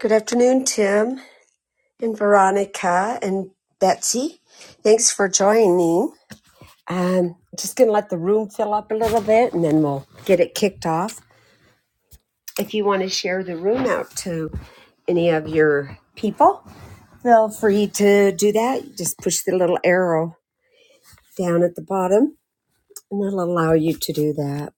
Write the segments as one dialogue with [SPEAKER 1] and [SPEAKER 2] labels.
[SPEAKER 1] Good afternoon, Tim and Veronica and Betsy. Thanks for joining. Um, just going to let the room fill up a little bit and then we'll get it kicked off. If you want to share the room out to any of your people, feel free to do that. Just push the little arrow down at the bottom and that'll allow you to do that.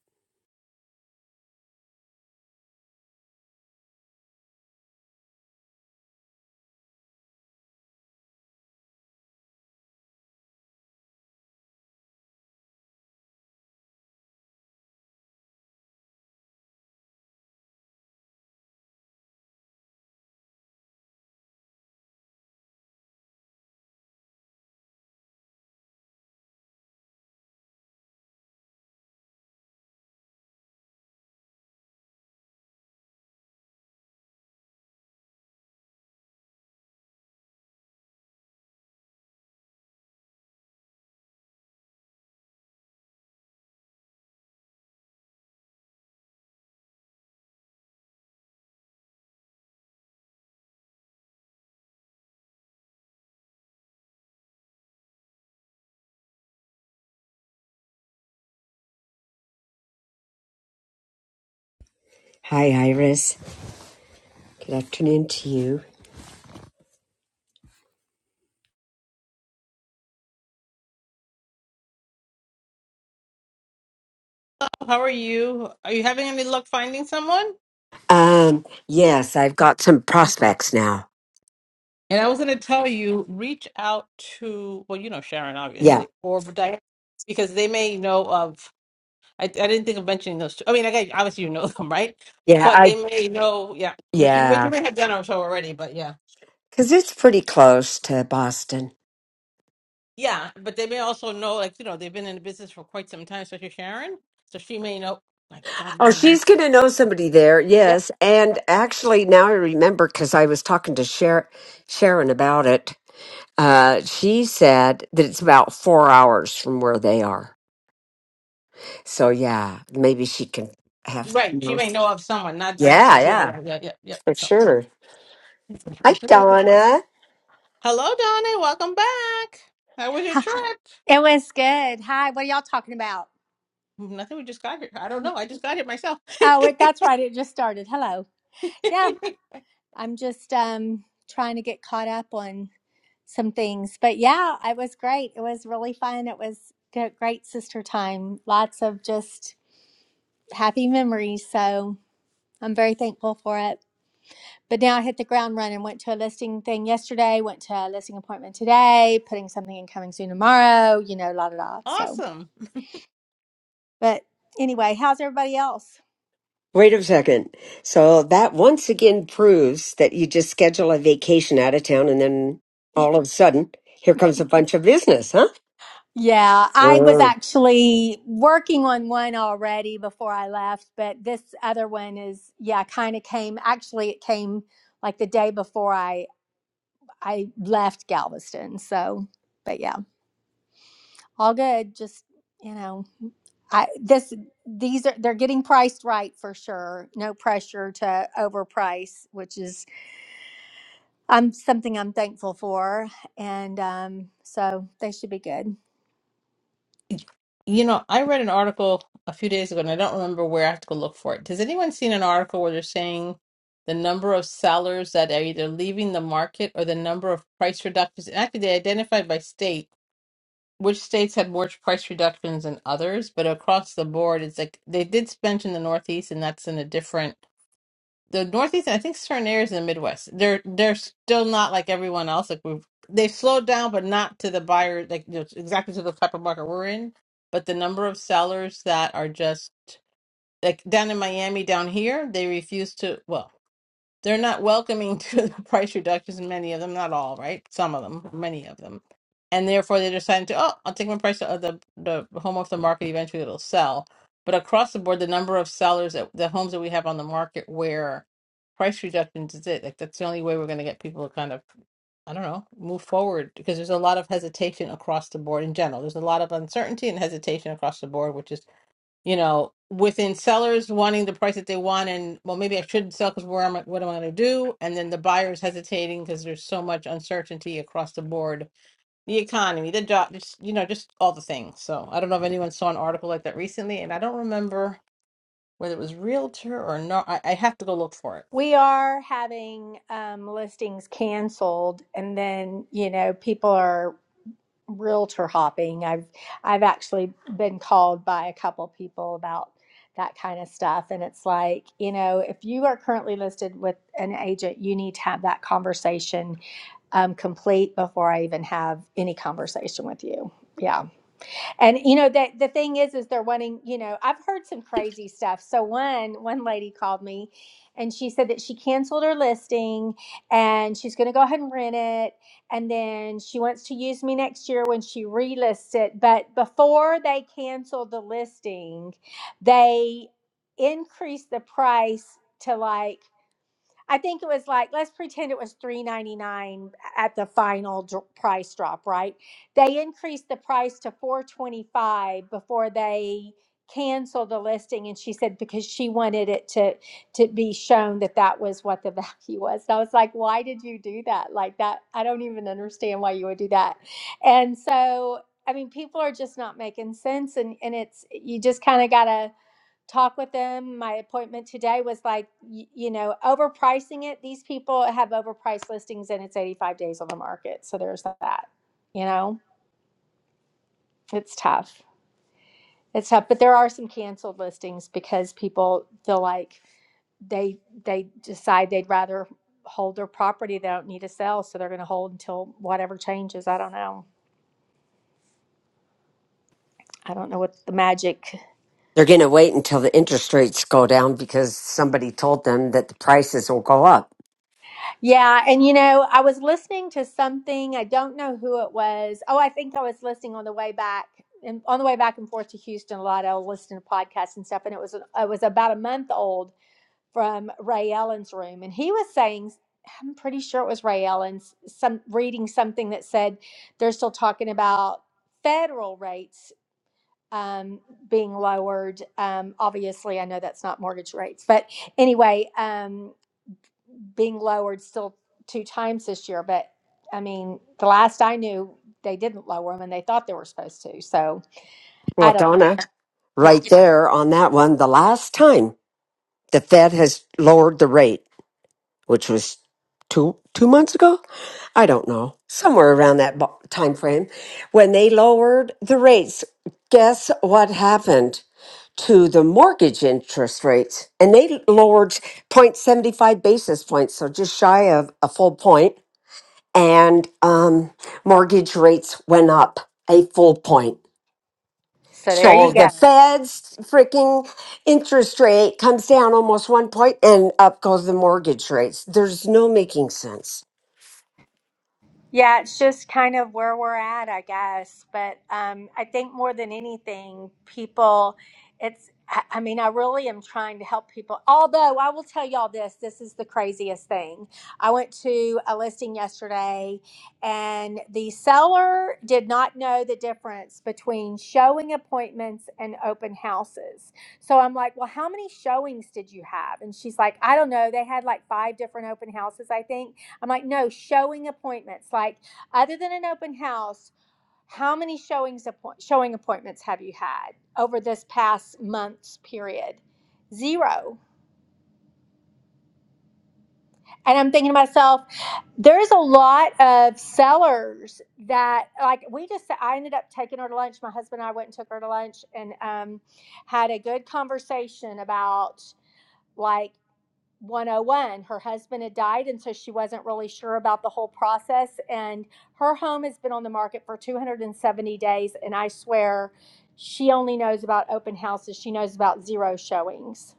[SPEAKER 1] Hi, Iris. Good afternoon to you.
[SPEAKER 2] How are you? Are you having any luck finding someone?
[SPEAKER 1] Um, yes, I've got some prospects now.
[SPEAKER 2] And I was going to tell you, reach out to, well, you know, Sharon,
[SPEAKER 1] Yeah.
[SPEAKER 2] obviously, or Diane, because they may know of, I, I didn't think of mentioning those two. I mean, I guess, obviously you know them, right?
[SPEAKER 1] Yeah,
[SPEAKER 2] But
[SPEAKER 1] I
[SPEAKER 2] they may know, yeah, but you,
[SPEAKER 1] yeah.
[SPEAKER 2] but you may have done or so already, but yeah.
[SPEAKER 1] Because it's pretty close to Boston.
[SPEAKER 2] Yeah, but they may also know, like, you know, they've been in the business for quite some time, especially Sharon. So she may know, my God,
[SPEAKER 1] Oh,
[SPEAKER 2] my,
[SPEAKER 1] she's going to know somebody there.
[SPEAKER 2] yep,
[SPEAKER 1] Yes. And
[SPEAKER 2] yep.
[SPEAKER 1] actually, now I remember because I was talking to Sher- Sharon about it. Uh, she said that it's about four hours from where they are. So, yeah, maybe she can have.
[SPEAKER 2] Right, she
[SPEAKER 1] Yeah,
[SPEAKER 2] may know of someone, not, yeah,
[SPEAKER 1] yeah,
[SPEAKER 2] yeah, yeah, yeah, yeah.
[SPEAKER 1] for
[SPEAKER 2] So,
[SPEAKER 1] sure. Hi,
[SPEAKER 2] good luck with that.
[SPEAKER 1] Donna.
[SPEAKER 2] Hello, Donna. Welcome back. How was your trip?
[SPEAKER 3] It was good. Hi, what are y'all talking about?
[SPEAKER 2] Nothing. We just got here. I don't know. I just got here myself.
[SPEAKER 3] Oh, it, that's right. It just started. Hello. Yeah, I'm just um trying to get caught up on some things. But yeah, it was great. It was really fun. It was g- great sister time. Lots of just happy memories. So I'm very thankful for it. But now I hit the ground running. Went to a listing thing yesterday. Went to a listing appointment today. Putting something in coming soon tomorrow. You know, la da da. So,
[SPEAKER 2] awesome.
[SPEAKER 3] but anyway, how's everybody else?
[SPEAKER 1] Wait a second. So, that once again proves that you just schedule a vacation out of town and then all of a sudden, here comes a bunch of business, huh?
[SPEAKER 3] Yeah, I was
[SPEAKER 1] Mm.
[SPEAKER 3] actually working on one already before I left, but this other one is yeah, kind of came actually it came like the day before I I left Galveston. So, but yeah, all good. Just, you know, I this these are they're getting priced right for sure. No pressure to overprice, which is um something I'm thankful for and um so they should be good.
[SPEAKER 2] You know, I read an article a few days ago, and I don't remember where I have to go look for it. Has anyone seen an article where they're saying the number of sellers that are either leaving the market or the number of price reductions? And actually, they identified by state which states had more price reductions than others, but across the board, it's like they did mention the Northeast, and that's in a different. the Northeast, I think certain areas in the Midwest, they're they're still not like everyone else. Like we've they've slowed down, but not to the buyer, like you know, exactly to the type of market we're in. But the number of sellers that are just like down in Miami, down here, they refuse to. Well, they're not welcoming to the price reductions in many of them, not all, right? Some of them, many of them. And therefore they decided to, oh, I'll take my price of the the home off the market, eventually it'll sell. But across the board, the number of sellers that the homes that we have on the market where price reductions is it, like that's the only way we're gonna get people to kind of, I don't know, move forward because there's a lot of hesitation across the board in general. There's a lot of uncertainty and hesitation across the board, which is you know, within sellers wanting the price that they want, and well, maybe I shouldn't sell because where am I, what am I going to do? And then the buyers hesitating because there's so much uncertainty across the board, the economy, the job, just you know, just all the things. So I don't know if anyone saw an article like that recently, and I don't remember whether it was Realtor or not. I, I have to go look for it.
[SPEAKER 3] We are having um, listings canceled, and then you know people are realtor hopping. I've I've actually been called by a couple people about that kind of stuff, and it's like you know if you are currently listed with an agent, you need to have that conversation um, complete before I even have any conversation with you. Yeah and you know that the thing is is they're wanting you know i've heard some crazy stuff so one one lady called me and she said that she canceled her listing and she's going to go ahead and rent it and then she wants to use me next year when she relists it but before they canceled the listing they increased the price to like I think it was like let's pretend it was three ninety nine at the final dr- price drop, right? They increased the price to four twenty five before they canceled the listing, and she said because she wanted it to to be shown that that was what the value was. And I was like, why did you do that? Like that, I don't even understand why you would do that. And so, I mean, people are just not making sense, and and it's you just kind of gotta talk with them. My appointment today was like, you know, overpricing it. These people have overpriced listings and it's 85 days on the market. So there's that. You know, it's tough. It's tough, but there are some canceled listings because people feel like they they decide they'd rather hold their property they don't need to sell, so they're going to hold until whatever changes. I don't know. I don't know what the magic.
[SPEAKER 1] They're going to wait until the interest rates go down because somebody told them that the prices will go up.
[SPEAKER 3] Yeah, and you know, I was listening to something. I don't know who it was. Oh, I think I was listening on the way back and on the way back and forth to Houston a lot. I was listening to podcasts and stuff, and it was it was about a month old from Ray Ellen's room, and he was saying, I'm pretty sure it was Ray Ellen's some reading something that said they're still talking about federal rates um, being lowered. Um, obviously, I know that's not mortgage rates, but anyway. um, being lowered still two times this year, but I mean, the last I knew, they didn't lower them and they thought they were supposed to. So
[SPEAKER 1] Well,
[SPEAKER 3] I don't know.
[SPEAKER 1] Donna,
[SPEAKER 3] Yeah.
[SPEAKER 1] right there on that one, the last time the Fed has lowered the rate. which was two two months ago. I don't know, somewhere around that bo- time frame, when they lowered the rates. Guess what happened to the mortgage interest rates? And they lowered 0.75 basis points, so just shy of a full point, and um, mortgage rates went up a full point.
[SPEAKER 3] So there
[SPEAKER 1] So
[SPEAKER 3] you
[SPEAKER 1] the
[SPEAKER 3] go.
[SPEAKER 1] Fed's freaking interest rate comes down almost one point, and up goes the mortgage rates. There's no making sense.
[SPEAKER 3] Yeah, it's just kind of where we're at, I guess. But um, I think more than anything, people, it's, I I mean, I really am trying to help people. Although I will tell y'all this this is the craziest thing. I went to a listing yesterday, and the seller did not know the difference between showing appointments and open houses. So I'm like, well, how many showings did you have? And she's like, I don't know. They had like five different open houses, I think. I'm like, no, showing appointments. Like, other than an open house, how many showings appoint showing appointments have you had over this past month's period? Zero. And I'm thinking to myself, there's a lot of sellers that like we just I ended up taking her to lunch. My husband and I went and took her to lunch and um, had a good conversation about like 101. Her husband had died, and so she wasn't really sure about the whole process. And her home has been on the market for 270 days, and I swear she only knows about open houses. She knows about zero showings.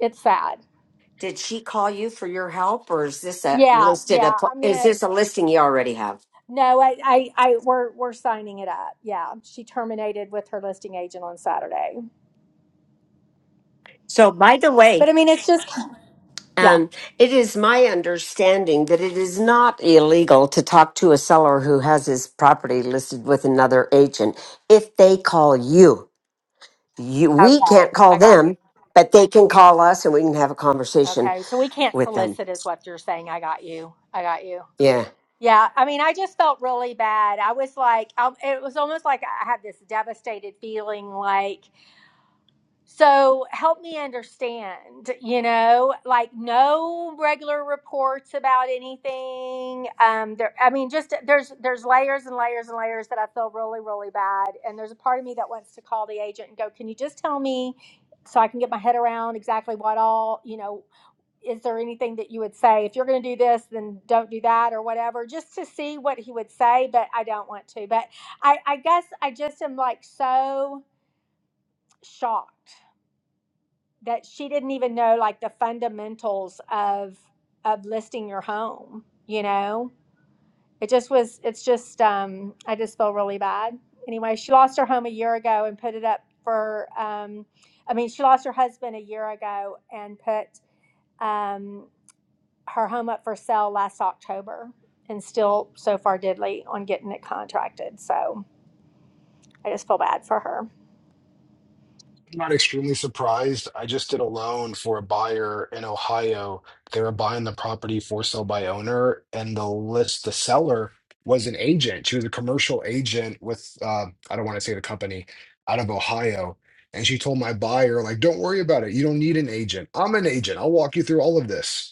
[SPEAKER 3] It's sad.
[SPEAKER 1] Did she call you for your help, or is this a
[SPEAKER 3] Yeah,
[SPEAKER 1] listed? A,
[SPEAKER 3] yeah. I'm
[SPEAKER 1] is
[SPEAKER 3] gonna.
[SPEAKER 1] this a listing you already have?
[SPEAKER 3] No, I, I, I, we're, we're signing it up. Yeah, she terminated with her listing agent on Saturday.
[SPEAKER 1] So, by the way,
[SPEAKER 3] But I mean, it's just, yeah.
[SPEAKER 1] um, it is my understanding that it is not illegal to talk to a seller who has his property listed with another agent if they call you. You, we can't
[SPEAKER 3] Okay,
[SPEAKER 1] call
[SPEAKER 3] I got you.
[SPEAKER 1] them, but they can call us, and we can have a conversation
[SPEAKER 3] Okay, so we can't
[SPEAKER 1] with them.
[SPEAKER 3] solicit, is what you're saying. I got you. I got you.
[SPEAKER 1] Yeah,
[SPEAKER 3] Yeah, I mean, I just felt really bad. I was like, I, it was almost like I had this devastated feeling like, so help me understand, you know, like no regular reports about anything. Um, there, I mean, just there's there's layers and layers and layers that I feel really, really bad. And there's a part of me that wants to call the agent and go, can you just tell me so I can get my head around exactly what all, you know, is there anything that you would say if you're going to do this then don't do that or whatever just to see what he would say but i don't want to but i i guess i just am like so shocked that she didn't even know like the fundamentals of of listing your home you know it just was it's just um i just feel really bad anyway she lost her home a year ago and put it up for um i mean she lost her husband a year ago and put um her home up for sale last October and still so far diddly on getting it contracted. So I just feel bad for her.
[SPEAKER 4] I'm not extremely surprised. I just did a loan for a buyer in Ohio. They were buying the property for sale by owner, and the list, the seller was an agent. She was a commercial agent with, uh, I don't want to say the company, out of Ohio. And she told my buyer, like, don't worry about it. You don't need an agent. I'm an agent. I'll walk you through all of this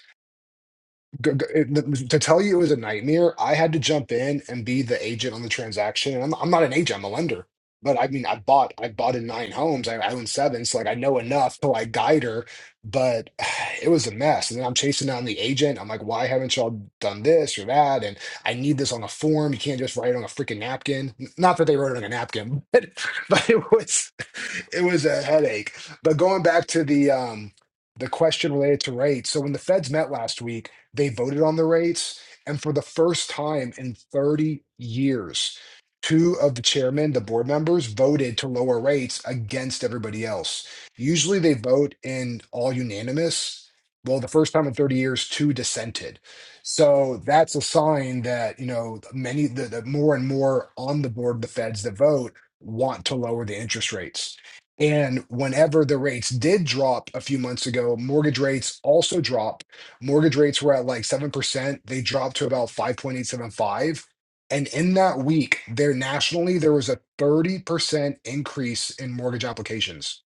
[SPEAKER 4] g- g- it- to tell you it was a nightmare, I had to jump in and be the agent on the transaction. And I'm, I'm not an agent, I'm a lender. But I mean, I bought, I bought in nine homes. I, I own seven, so like I know enough to like guide her. But it was a mess. And then I'm chasing down the agent. I'm like, why haven't y'all done this or that? And I need this on a form. You can't just write it on a freaking napkin. N- Not that they wrote it on a napkin, but but it was it was a headache. But going back to the um the question related to rates. So when the Feds met last week they voted on the rates. And for the first time in 30 years, two of the chairmen, the board members, voted to lower rates against everybody else. Usually they vote in all unanimous. Well, the first time in 30 years, two dissented. So that's a sign that, you know, many, the, the more and more on the board, the feds that vote want to lower the interest rates. And whenever the rates did drop a few months ago, mortgage rates also dropped mortgage rates were at like 7%. They dropped to about 5.875. And in that week, there nationally, there was a 30% increase in mortgage applications.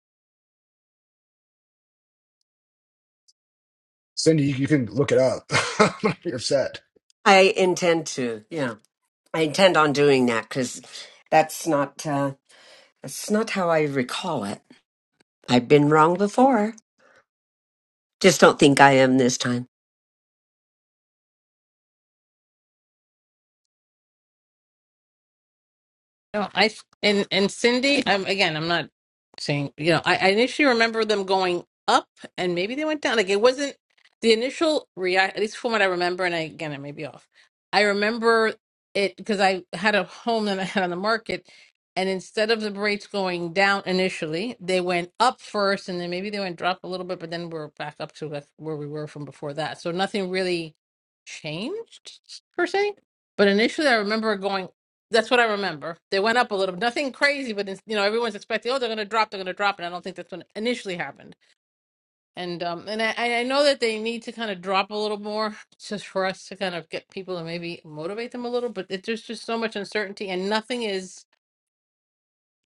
[SPEAKER 4] Cindy, you, you can look it up. You're upset.
[SPEAKER 1] I intend to. Yeah, I intend on doing that because that's not uh, that's not how I recall it. I've been wrong before. Just don't think I am this time.
[SPEAKER 2] No, I and and Cindy, I'm again, I'm not saying, you know, I, I initially remember them going up and maybe they went down. Like it wasn't the initial react, at least from what I remember, and I, again, I may be off. I remember it because I had a home that I had on the market, and instead of the rates going down initially, they went up first, and then maybe they went drop a little bit, but then we're back up to where we were from before that. So nothing really changed per se. But initially, I remember it going that's what I remember. They went up a little, nothing crazy, but it's- you know everyone's expecting, oh, they're going to drop, they're going to drop, and I don't think that's what initially happened. And um, and I, I know that they need to kind of drop a little more, just for us to kind of get people and maybe motivate them a little. But it, there's just so much uncertainty, and nothing is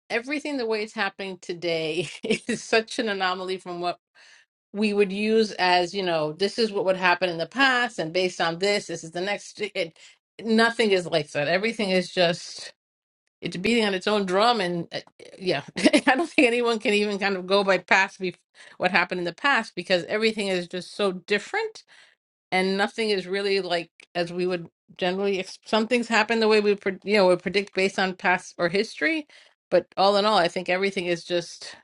[SPEAKER 2] everything the way it's happening today is such an anomaly from what we would use as you know this is what would happen in the past, and based on this, this is the next. It, nothing is like that. Everything is just. It's beating on its own drum, and uh, yeah, I don't think anyone can even kind of go by past bef- what happened in the past because everything is just so different, and nothing is really like as we would generally. Ex- some things happen the way we, pre- you know, we predict based on past or history, but all in all, I think everything is just,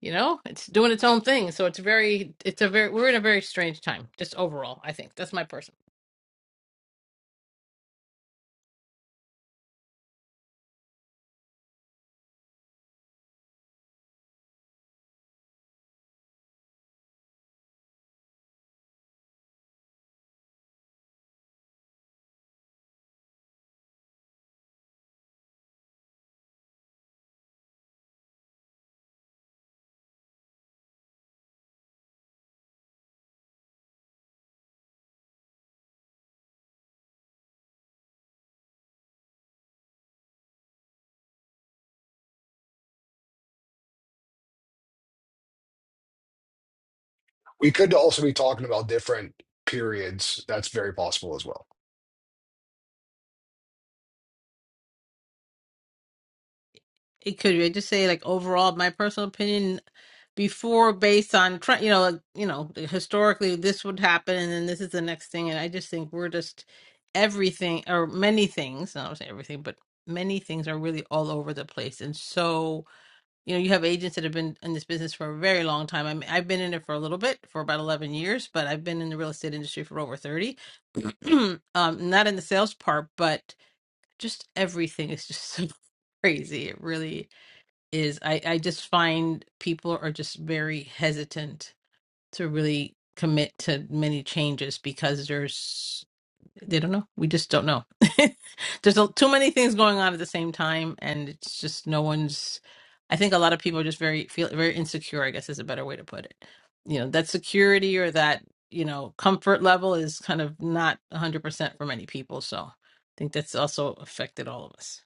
[SPEAKER 2] you know, it's doing its own thing. So it's very, it's a very, we're in a very strange time, just overall. I think that's my personal.
[SPEAKER 4] We could also be talking about different periods. That's very possible as well.
[SPEAKER 2] It could I just say like overall my personal opinion before based on tr- you know like, you know historically this would happen and then this is the next thing and i just think we're just everything or many things not saying everything but many things are really all over the place and so you know you have agents that have been in this business for a very long time I mean, i've been in it for a little bit for about 11 years but i've been in the real estate industry for over 30 um not in the sales part but just everything is just so crazy it really is I, I just find people are just very hesitant to really commit to many changes because there's they don't know. We just don't know. there's a, too many things going on at the same time, and it's just no one's. I think a lot of people are just very feel very insecure. I guess is a better way to put it. You know that security or that you know comfort level is kind of not 100% for many people. So I think that's also affected all of us.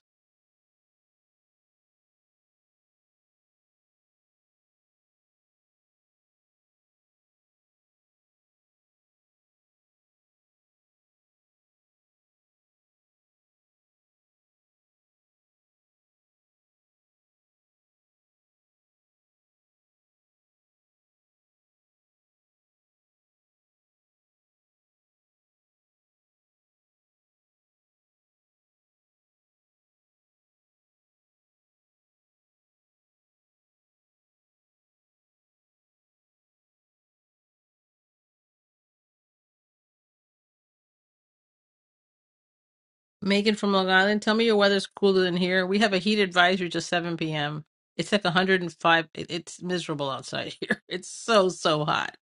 [SPEAKER 2] Megan from Long Island, tell me your weather's cooler than here. We have a heat advisory to 7 p.m. It's like 105. It, it's miserable outside here. It's so, so hot.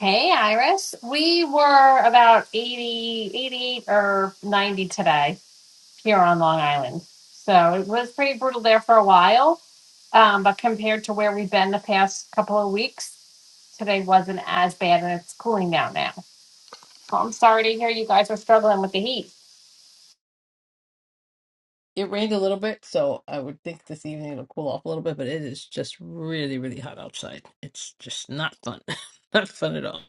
[SPEAKER 5] Hey, Iris. We were about 80, 88 or 90 today here on Long Island. So it was pretty brutal there for a while. Um, but compared to where we've been the past couple of weeks, today wasn't as bad and it's cooling down now. So I'm sorry to hear you guys are struggling with the heat.
[SPEAKER 2] It rained a little bit, so I would think this evening it'll cool off a little bit, but it is just really, really hot outside. It's just not fun. not fun at all.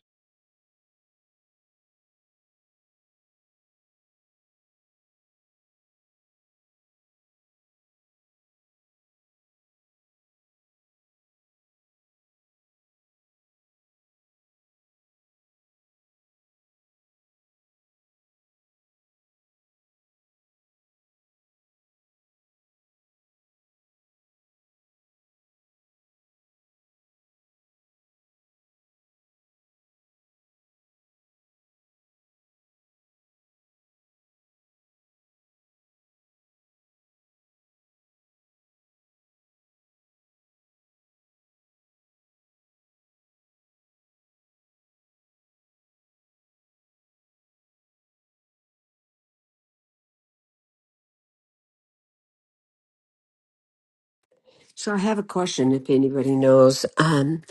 [SPEAKER 1] So I have a question if anybody knows. Um,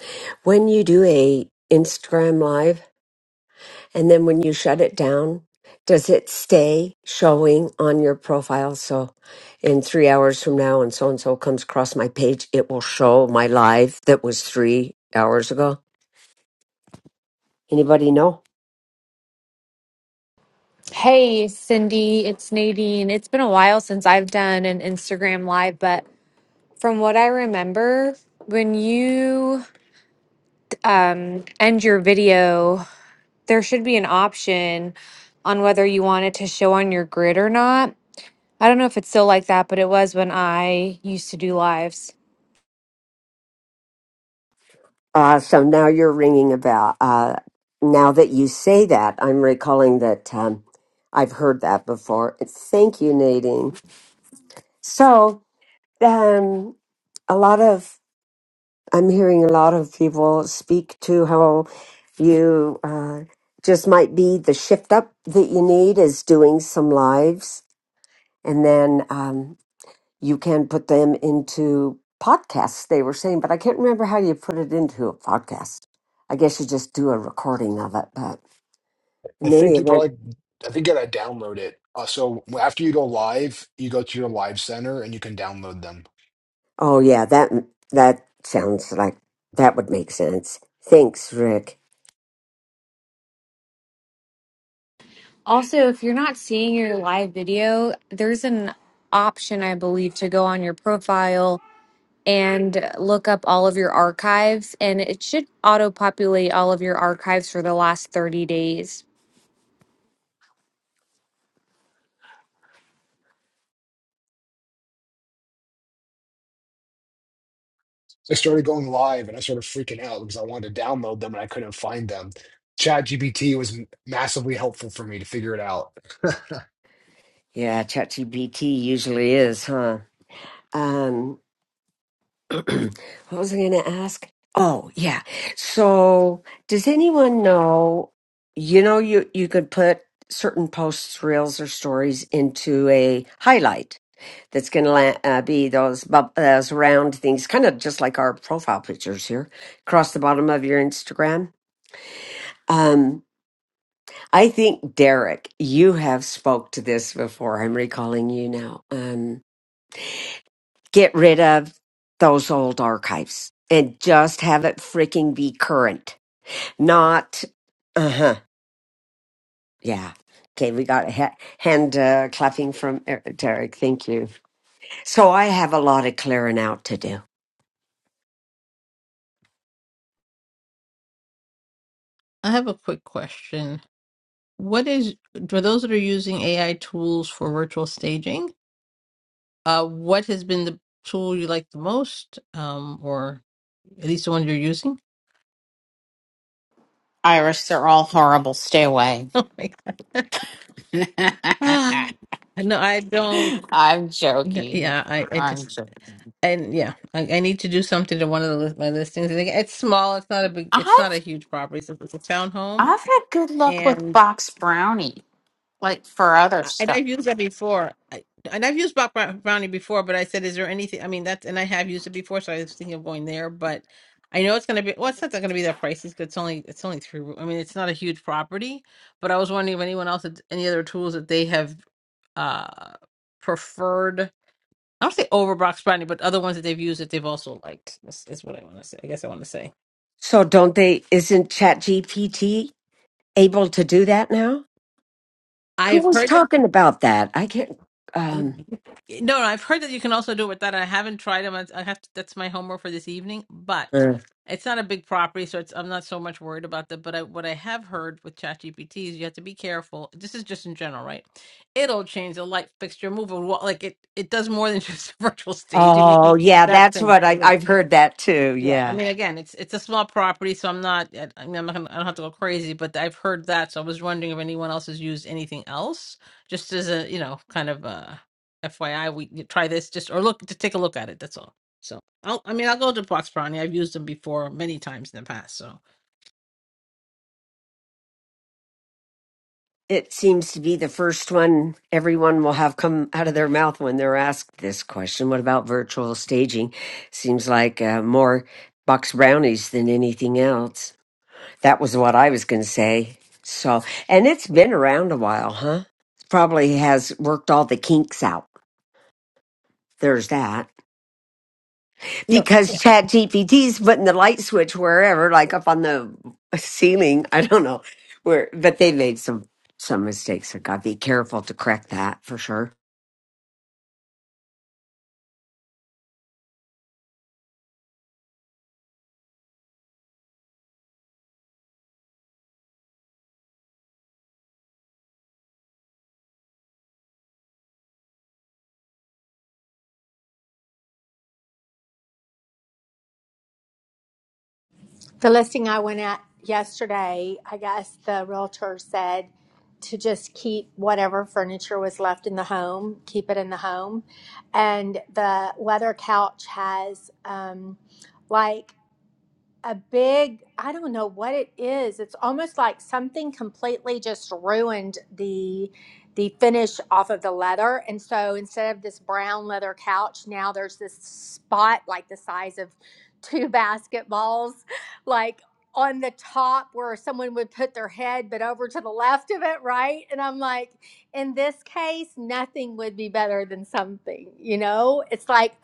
[SPEAKER 1] when you do a Instagram live and then when you shut it down, does it stay showing on your profile? So in three hours from now and so and so comes across my page, it will show my live that was three hours ago. Anybody know?
[SPEAKER 6] Hey, Cindy, it's Nadine. It's been a while since I've done an Instagram live, but from what I remember, when you um, end your video, there should be an option on whether you want it to show on your grid or not. I don't know if it's still like that, but it was when I used to do lives.
[SPEAKER 1] Uh, so now you're ringing a bell. Uh, now that you say that, I'm recalling that um, I've heard that before. Thank you, Nadine. So um, a lot of I'm hearing a lot of people speak to how you uh, just might be the shift up that you need is doing some lives, and then. Um, you can put them into podcasts they were saying but i can't remember how you put it into a podcast i guess you just do a recording of it but
[SPEAKER 4] I
[SPEAKER 1] in any
[SPEAKER 4] think you
[SPEAKER 1] event
[SPEAKER 4] probably, I think you gotta download it. Uh, so after you go live, you go to your live center and you can download them.
[SPEAKER 1] oh yeah that that sounds like that would make sense thanks rick
[SPEAKER 6] Also, if you're not seeing your live video, there's an option, I believe, to go on your profile and look up all of your archives, and it should auto populate all of your archives for the last 30 days.
[SPEAKER 4] So I started going live and I started freaking out because I wanted to download them and I couldn't find them. ChatGPT was m- massively helpful for me to figure it out.
[SPEAKER 1] yeah chatgpt usually is huh um what was i gonna ask oh yeah so does anyone know you know you you could put certain posts reels or stories into a highlight that's going to uh, be those bub- those round things, kind of just like our profile pictures here across the bottom of your Instagram. Um, I think Derek, you have spoke to this before. I'm recalling you now. Um, get rid of those old archives and just have it freaking be current, not uh huh. Yeah. Okay, we got a ha- hand uh, clapping from Eric- Derek. Thank you. So I have a lot of clearing out to do.
[SPEAKER 2] I have a quick question. What is, for those that are using AI tools for virtual staging, uh, what has been the tool you like the most, um, or at least the one you're using?
[SPEAKER 7] Iris, they're all horrible. Stay away.
[SPEAKER 2] Oh my God. Ah, no, I don't.
[SPEAKER 7] I'm
[SPEAKER 2] no,
[SPEAKER 7] joking.
[SPEAKER 2] Yeah, I, I
[SPEAKER 7] I'm
[SPEAKER 2] just
[SPEAKER 7] joking.
[SPEAKER 2] and yeah, I, I need to do something to one of the list, my listings. I think it's small. It's not a big. It's not a
[SPEAKER 7] I've
[SPEAKER 2] huge property. It's a, it's a townhome,
[SPEAKER 7] I've had good luck with
[SPEAKER 2] and
[SPEAKER 7] box brownie, like for other
[SPEAKER 2] I- and
[SPEAKER 7] stuff.
[SPEAKER 2] I've used that before. I, and I've used Black Brown- Brownie before, but I said, is there anything? I mean, that's and I have used it before, so I was thinking of going there, but I know it's going to be. Well, it's not going to be that pricey. 'cause It's only it's only three. I mean, it's not a huge property, but I was wondering if anyone else had any other tools that they have uh preferred I don't say over Brock Sprightney, but other ones that they've used that they've also liked. That's, that's what I want to say. I guess I want to say.
[SPEAKER 1] So don't they isn't ChatGPT able to do that now? Who
[SPEAKER 2] I've
[SPEAKER 1] was
[SPEAKER 2] heard that.
[SPEAKER 1] talking about that? I can't um
[SPEAKER 2] No, no, I've heard that you can also do it with that. I haven't tried them. I I have to, that's my homework for this evening. But
[SPEAKER 1] uh,
[SPEAKER 2] it's not a big property, so it's, I'm not so much worried about that. But I, what I have heard with ChatGPT is you have to be careful. This is just in general, right? It'll change the light fixture, move a wall. Like it, it does more than just virtual staging. It can-
[SPEAKER 1] Oh yeah,
[SPEAKER 2] That
[SPEAKER 1] that's
[SPEAKER 2] thing.
[SPEAKER 1] what I
[SPEAKER 2] yeah.
[SPEAKER 1] I've heard that too.
[SPEAKER 2] Yeah, I
[SPEAKER 1] Yeah.
[SPEAKER 2] mean, again, it's it's a small property, so I'm not. I mean, I'm not. Gonna, I don't have to go crazy, but I've heard that, so I was wondering if anyone else has used anything else, just as a you know, kind of a FYI. We you try this just or look to take a look at it. That's all. So I'll. I mean, I'll go to Box Brownie. I've used them before many times in the past. So
[SPEAKER 1] It seems to be the first one everyone will have come out of their mouth when they're asked this question. What about virtual staging? Seems like uh, more box brownies than anything else. That was what I was going to say. So, and it's been around a while, huh? Probably has worked all the kinks out. There's that.
[SPEAKER 2] No,
[SPEAKER 1] Because Chat GPT's putting the light switch wherever, like up on the ceiling. I don't know where, but they made some, some mistakes. So, have got to be careful to correct that for sure.
[SPEAKER 3] The listing I went at yesterday, I guess the realtor said to just keep whatever furniture was left in the home, keep it in the home. And the leather couch has um, like a big i don't know what it is it's almost like something completely just ruined the the finish off of the leather and so instead of this brown leather couch now there's this spot like the size of two basketballs like on the top where someone would put their head but over to the left of it right and i'm like in this case nothing would be better than something you know it's like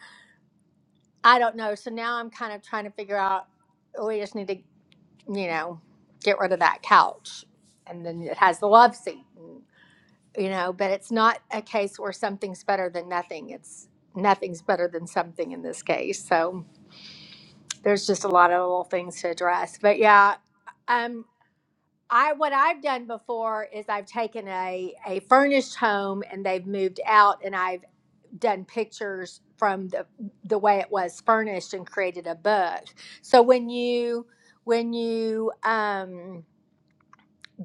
[SPEAKER 3] i don't know so now i'm kind of trying to figure out we just need to you know, get rid of that couch. And then it has the love seat, and- you know, but it's not a case where something's better than nothing. It's nothing's better than something in this case. So there's just a lot of little things to address. But yeah, um, I what I've done before is I've taken a a furnished home and they've moved out and I've done pictures from the the way it was furnished and created a book. So when you when you um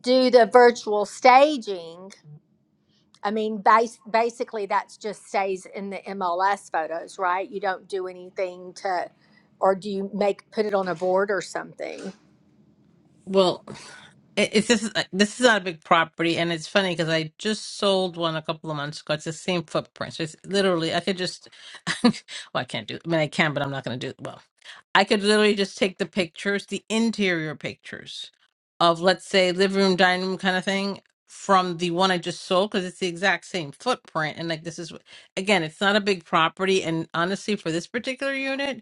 [SPEAKER 3] do the virtual staging. I mean, bas- basically, that's just stays in the MLS photos, right? You don't do anything to, or do you make put it on a board or something?
[SPEAKER 2] well, it, it's this. This is not a big property, and it's funny because I just sold one a couple of months ago. It's the same footprint, so it's literally I could just. well, I can't do. I mean, I can, but I'm not going to do. Well. I could literally just take the pictures, the interior pictures of, let's say, living room, dining room kind of thing from the one I just sold because it's the exact same footprint. And like, this is, again, it's not a big property. And honestly, for this particular unit,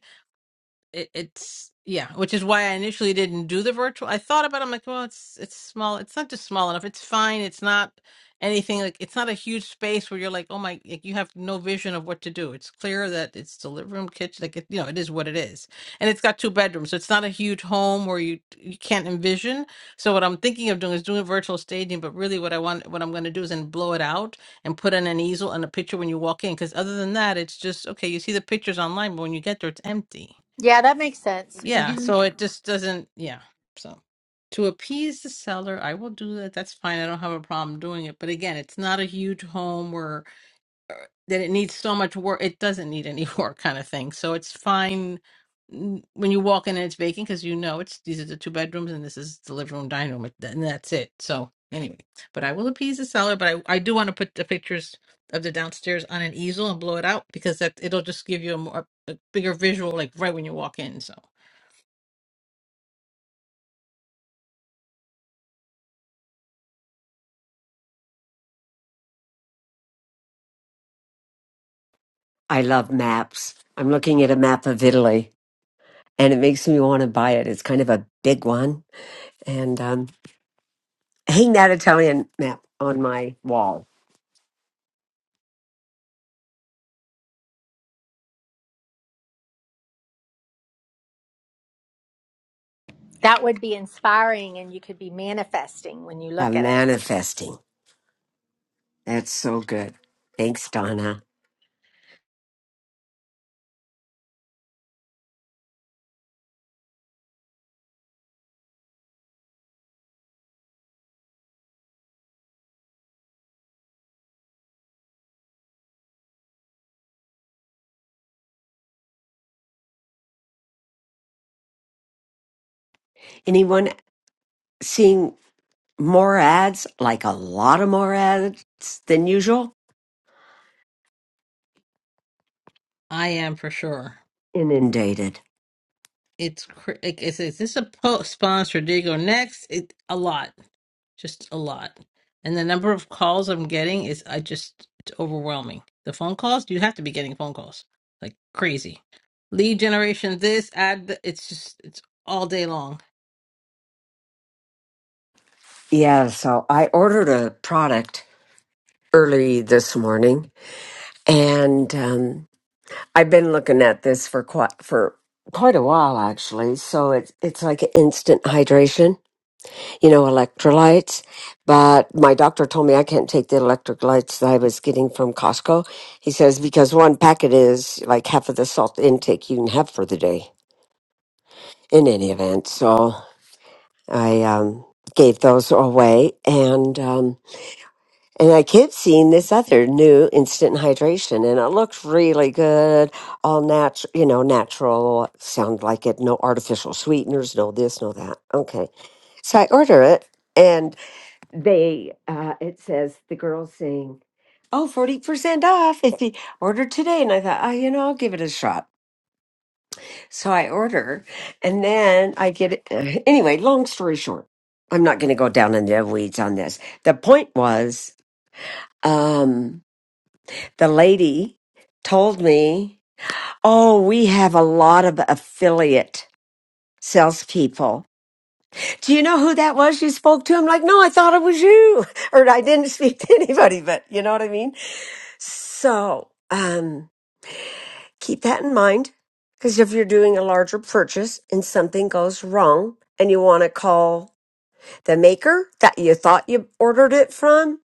[SPEAKER 2] it, it's yeah, which is why I initially didn't do the virtual. I thought about it, I'm like, well, it's it's small. It's not just small enough. It's fine. It's not anything like it's not a huge space where you're like, oh my, like you have no vision of what to do. It's clear that it's the living room, kitchen, like it, you know, it is what it is, and it's got two bedrooms, so it's not a huge home where you you can't envision. So what I'm thinking of doing is doing virtual staging, but really what I want, what I'm going to do is then blow it out and put in an easel and a picture when you walk in, because other than that, it's just okay. You see the pictures online, but when you get there, it's empty.
[SPEAKER 3] Yeah, that makes sense.
[SPEAKER 2] Yeah,
[SPEAKER 3] hmm
[SPEAKER 2] so it just doesn't, yeah. So to appease the seller, I will do that. That's fine. I don't have a problem doing it. But again, it's not a huge home where that it needs so much work. It doesn't need any work kind of thing. So it's fine mm, when you walk in and it's vacant because you know it's these are the two bedrooms and this is the living room, dining room, and that's it. So anyway, but I will appease the seller, but I, I do want to put the pictures of the downstairs on an easel and blow it out because that it'll just give you a more a bigger visual like right when you walk in. So
[SPEAKER 1] I love maps. I'm looking at a map of Italy and it makes me want to buy it. It's kind of a big one and, um, hang that Italian map on my wall.
[SPEAKER 3] That would be inspiring, and you could be manifesting when you look
[SPEAKER 1] I'm
[SPEAKER 3] at it.
[SPEAKER 1] manifesting. That's so good. Thanks, Donna. Anyone seeing more ads, like a lot of more ads than usual,
[SPEAKER 2] I am for sure.
[SPEAKER 1] inundated.
[SPEAKER 2] It's cr- like it's is this a po- sponsored Diego next? It a lot, just a lot, and the number of calls I'm getting is I just it's overwhelming. The phone calls you have to be getting phone calls like crazy. Lead generation, this ad, th- it's just it's all day long.
[SPEAKER 1] Yeah, so I ordered a product early this morning, and um, I've been looking at this for quite for quite a while actually. So it's it's like instant hydration, you know, electrolytes. But my doctor told me I can't take the electrolytes that I was getting from Costco. He says because one packet is like half of the salt intake you can have for the day. In any event, so I um, gave those away, and um, and I kept seeing this other new instant hydration, and it looked really good, all natural, you know, natural. Sound like it, no artificial sweeteners, no this, no that. Okay, so I order it, and they uh, it says the girls saying. Oh, 40% off if you order today. And I thought, oh, you know, I'll give it a shot. So I order, and then I get it. uh, Anyway, long story short, I'm not going to go down in the weeds on this. The point was, um, the lady told me, "Oh, we have a lot of affiliate salespeople." Do you know who that was? You spoke to him like, "No, I thought it was you," or "I didn't speak to anybody," but you know what I mean. So. Um, keep that in mind because if you're doing a larger purchase and something goes wrong and you want to call the maker that you thought you ordered it from,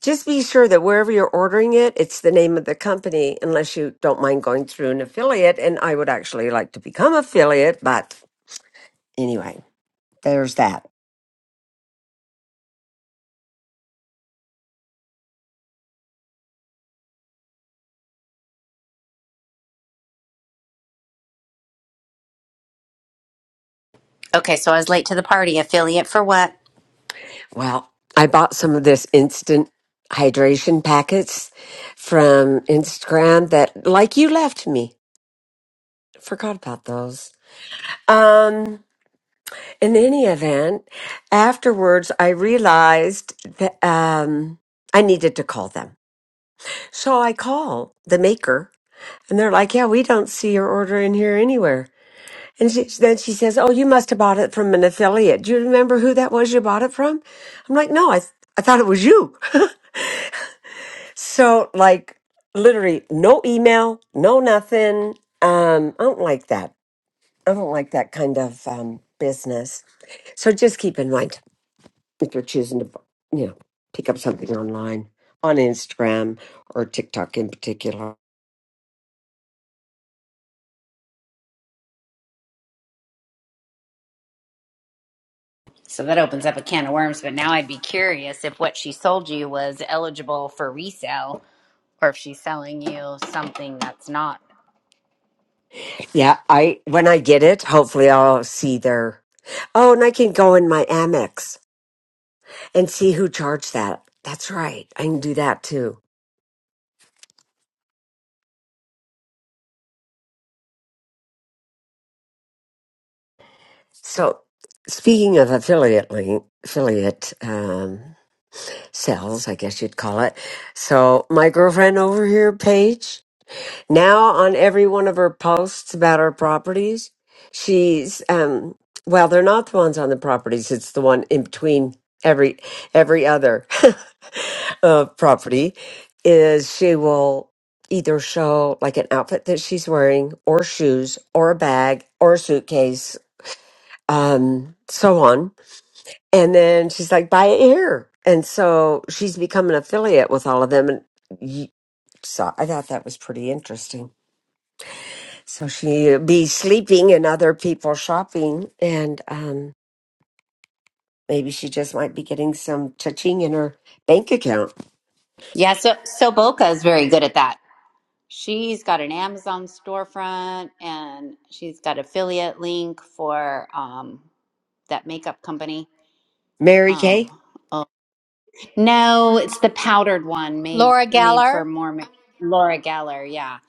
[SPEAKER 1] just be sure that wherever you're ordering it, it's the name of the company, unless you don't mind going through an affiliate. And I would actually like to become affiliate, but anyway, there's that.
[SPEAKER 8] Okay, so I was late to the party. Affiliate for what?
[SPEAKER 1] Well, I bought some of this instant hydration packets from Instagram that, like you left me, forgot about those. Um, In any event, afterwards, I realized that um, I needed to call them. So I call the maker, and they're like, "Yeah, we don't see your order in here anywhere." And she, then she says, "Oh, you must have bought it from an affiliate. Do you remember who that was you bought it from?" I'm like, "No, I th- I thought it was you." so like, literally, no email, no nothing. Um, I don't like that. I don't like that kind of um, business. So just keep in mind. if you're choosing to you know pick up something online on Instagram or TikTok in particular.
[SPEAKER 8] So that opens up a can of worms, but now I'd be curious if what she sold you was eligible for resale or if she's selling you something that's not.
[SPEAKER 1] Yeah, I when I get it, hopefully I'll see their Oh, and I can go in my Amex and see who charged that. That's right. I can do that too. So speaking of affiliate link, affiliate um sales, I guess you'd call it. So my girlfriend over here, Paige, Now, on every one of her posts about her properties, she's um well, they're not the ones on the properties. It's the one in between every every other uh, property is she will either show like an outfit that she's wearing or shoes or a bag or a suitcase um so on and then she's like buy it here and so she's become an affiliate with all of them and y- so i thought that was pretty interesting so she'd be sleeping and other people shopping, and um, maybe she just might be getting some touching in her bank account.
[SPEAKER 8] Yeah, so so Boca is very good at that. She's got an Amazon storefront and she's got affiliate link for um that makeup company.
[SPEAKER 1] Mary
[SPEAKER 8] Um
[SPEAKER 1] Kay?
[SPEAKER 8] oh no, it's the powdered one made
[SPEAKER 3] Laura
[SPEAKER 8] made
[SPEAKER 3] Geller,
[SPEAKER 8] for more ma- Laura Geller, yeah.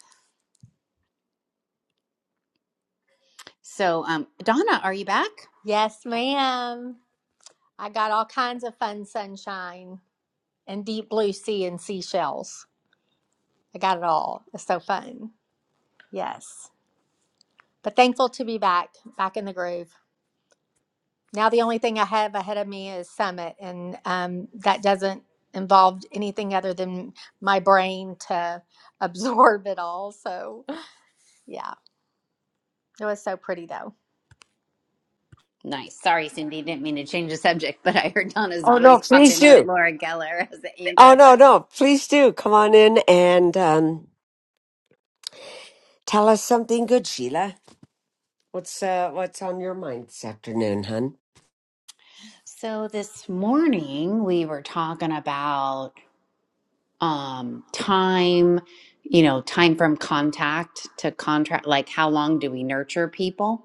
[SPEAKER 8] So um Donna, are you back?
[SPEAKER 3] yes, ma'am. I got all kinds of fun sunshine and deep blue sea and seashells. I got it all. It's so fun. Yes, but thankful to be back, back in the groove. Now the only thing I have ahead of me is summit, and um, that doesn't involve anything other than my brain to absorb it all. So yeah, it was so pretty though.
[SPEAKER 8] Nice. Sorry, Cindy. Didn't mean to change the subject, but I heard Donna's
[SPEAKER 1] Oh, no,
[SPEAKER 8] voice pop
[SPEAKER 1] please
[SPEAKER 8] in with
[SPEAKER 1] do.
[SPEAKER 8] Laura Geller as the
[SPEAKER 1] Oh,
[SPEAKER 8] answer.
[SPEAKER 1] no, no, please do. Come on in and um, tell us something good, Sheila. What's uh, what's on your mind this afternoon, hun?
[SPEAKER 8] So this morning we were talking about um, time, you know, time from contact to contract. Like, how long do we nurture people?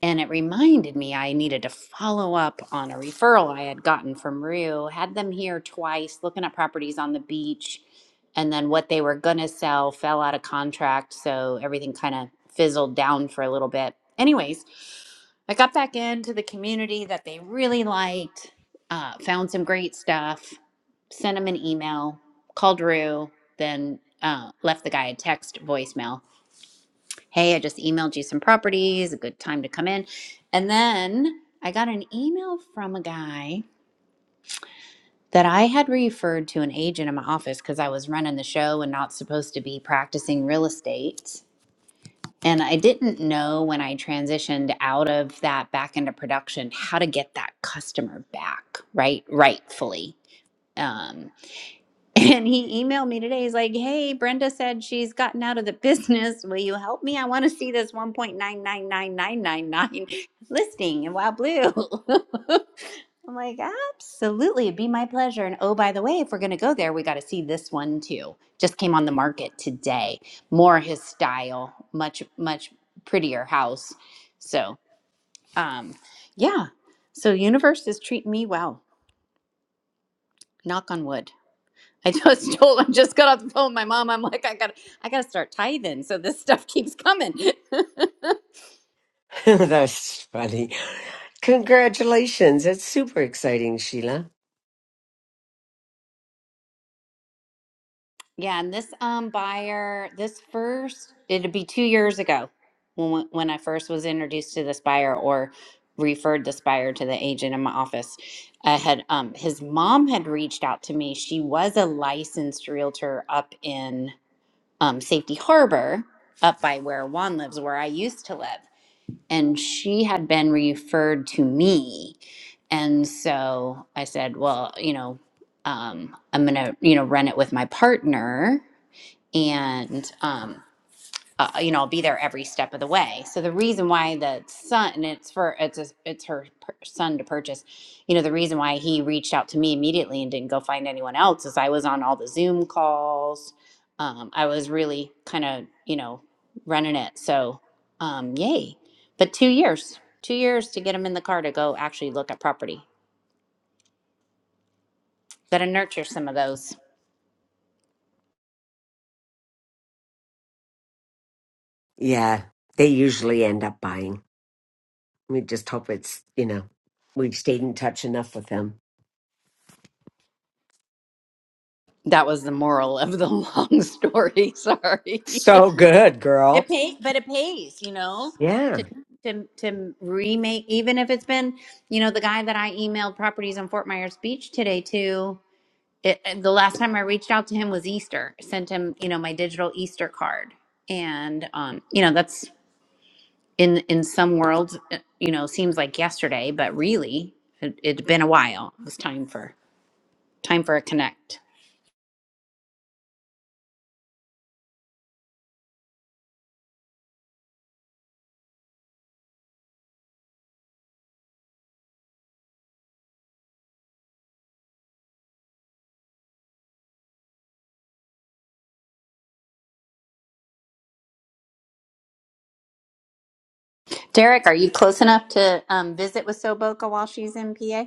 [SPEAKER 8] And it reminded me I needed to follow up on a referral I had gotten from Rue. Had them here twice looking at properties on the beach, and then what they were going to sell fell out of contract. So everything kind of fizzled down for a little bit. Anyways, I got back into the community that they really liked, uh, found some great stuff, sent them an email, called Rue, then uh, left the guy a text voicemail Hey, I just emailed you some properties, a good time to come in. And then I got an email from a guy that I had referred to an agent in my office because I was running the show and not supposed to be practicing real estate. And I didn't know when I transitioned out of that back into production how to get that customer back, right? Rightfully. Um, And he emailed me today. He's like, Hey, Brenda said she's gotten out of the business. Will you help me? I want to see this 1.999999 listing in Wild Blue. I'm like, Absolutely. It'd be my pleasure. And oh, by the way, if we're going to go there, we got to see this one too. Just came on the market today. More his style, much, much prettier house. So, um, yeah. So, universe is treating me well. Knock on wood. I just told I just got off the phone with my mom. I'm like, I got I gotta start tithing. So this stuff keeps coming.
[SPEAKER 1] That's funny. Congratulations. It's super exciting, Sheila.
[SPEAKER 8] yeah, and this um buyer, this first it'd be two years ago when when I first was introduced to this buyer or referred this buyer to the agent in my office. I had um his mom had reached out to me. She was a licensed realtor up in um Safety Harbor, up by where Juan lives, where I used to live. and she had been referred to me and so i said well you know um, i'm gonna you know run it with my partner and um, uh, you know, I'll be there every step of the way. So the reason why the son, and it's for it's a, it's her per, son to purchase, you know, the reason why he reached out to me immediately and didn't go find anyone else is I was on all the Zoom calls. Um, I was really kind of you know running it. So um, yay! But two years, two years to get him in the car to go actually look at property. Got to nurture some of those.
[SPEAKER 1] Yeah, they usually end up buying. We just hope it's, you know, we've stayed in touch enough with them.
[SPEAKER 8] That was the moral of the long story. Sorry.
[SPEAKER 1] So good, girl.
[SPEAKER 8] It pay, but it pays, you know, to
[SPEAKER 1] Yeah,
[SPEAKER 8] to to remake, even if it's been, you know, the guy that I emailed properties in Fort Myers Beach today to. It, and the last time I reached out to him was Easter. I Sent him, you know, my digital Easter card, and um, you know, that's in in some worlds, uh, you know, seems like yesterday, but really, it, it's been a while. It was time for time for a connect. Derek, are you close enough to um, visit with Soboka while she's in PA?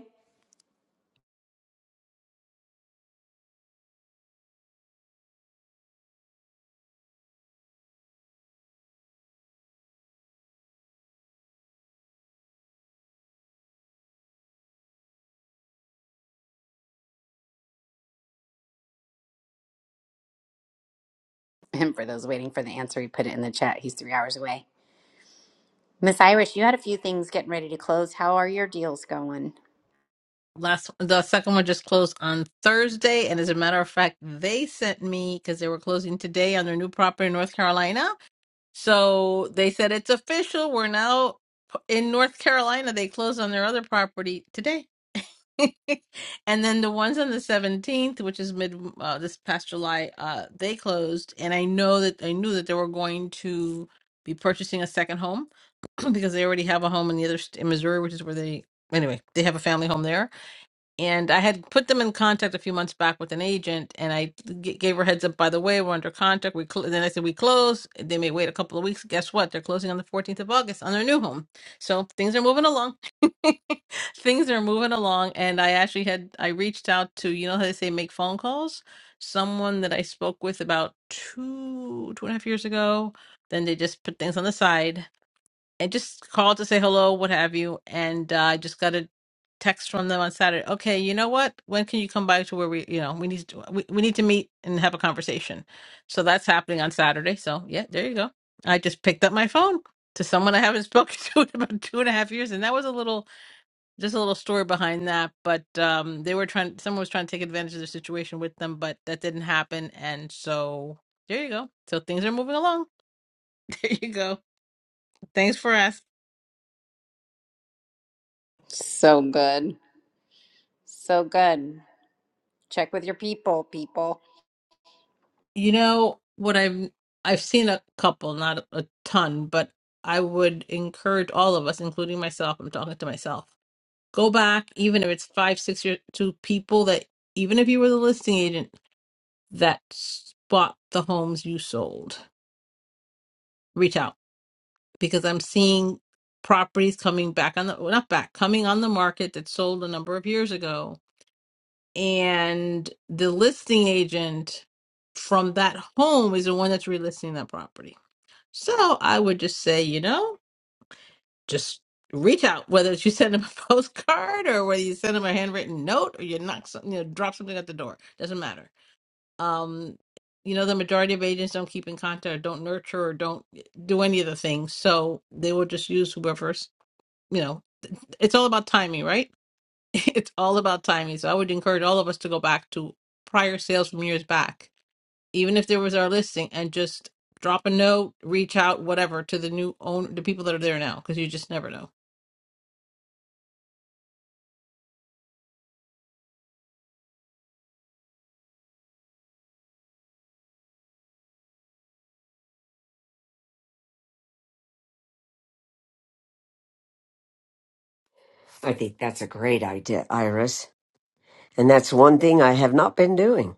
[SPEAKER 8] And for those waiting for the answer, he put it in the chat. He's three hours away. Miss Irish, you had a few things getting ready to close. How are your deals going?
[SPEAKER 2] Last the second one just closed on Thursday, and as a matter of fact, they sent me because they were closing today on their new property in North Carolina So they said it's official. We're now p- in North Carolina. They closed on their other property today. and then the ones on the 17th, which is mid uh, this past July, uh, they closed. And I know that I knew that they were going to be purchasing a second home because they already have a home in the other st- in Missouri, which is where they anyway they have a family home there and I had put them in contact a few months back with an agent, and I g- gave her heads up. By the way, we're under contract. We cl-. then I said we close. They may wait a couple of weeks. Guess what? They're closing on the 14th of August on their new home. So things are moving along. Things are moving along, and I actually had I reached out to you know how they say make phone calls. Someone that I spoke with about two two and a half years ago. Then they just put things on the side and just called to say hello, what have you. And uh, I just got a text from them on Saturday. Okay, you know what? When can you come by to where we, you know, we need to, we, we need to meet and have a conversation. So that's happening on Saturday. So yeah, there you go. I just picked up my phone to someone I haven't spoken to in about two and a half years, and that was a little, just a little story behind that. But um, they were trying, someone was trying to take advantage of the situation with them, but that didn't happen. And so there you go. So things are moving along. There you go. Thanks for asking.
[SPEAKER 8] So good. So good. Check with your people, people.
[SPEAKER 2] You know what I've I've seen a couple, not a ton, but I would encourage all of us, including myself, I'm talking to myself, go back, even if it's five, six years to people that even if you were the listing agent that bought the homes you sold, reach out because I'm seeing properties coming back on the well, not back, coming on the market that sold a number of years ago. And the listing agent from that home is the one that's relisting that property So I would just say, you know, just reach out, whether it's you send them a postcard or whether you send them a handwritten note or you knock something, you know, drop something at the door. Doesn't matter. Um, you know, the majority of agents don't keep in contact or don't nurture or don't eh, do any of the things. So they will just use whoever's, you know, it's all about timing, right? It's all about timing. So I would encourage all of us to go back to prior sales from years back even if there was our listing and just drop a note reach out whatever to the new owner the people that are there now because you just never know
[SPEAKER 1] I think that's a great idea, Iris. And that's one thing I have not been doing.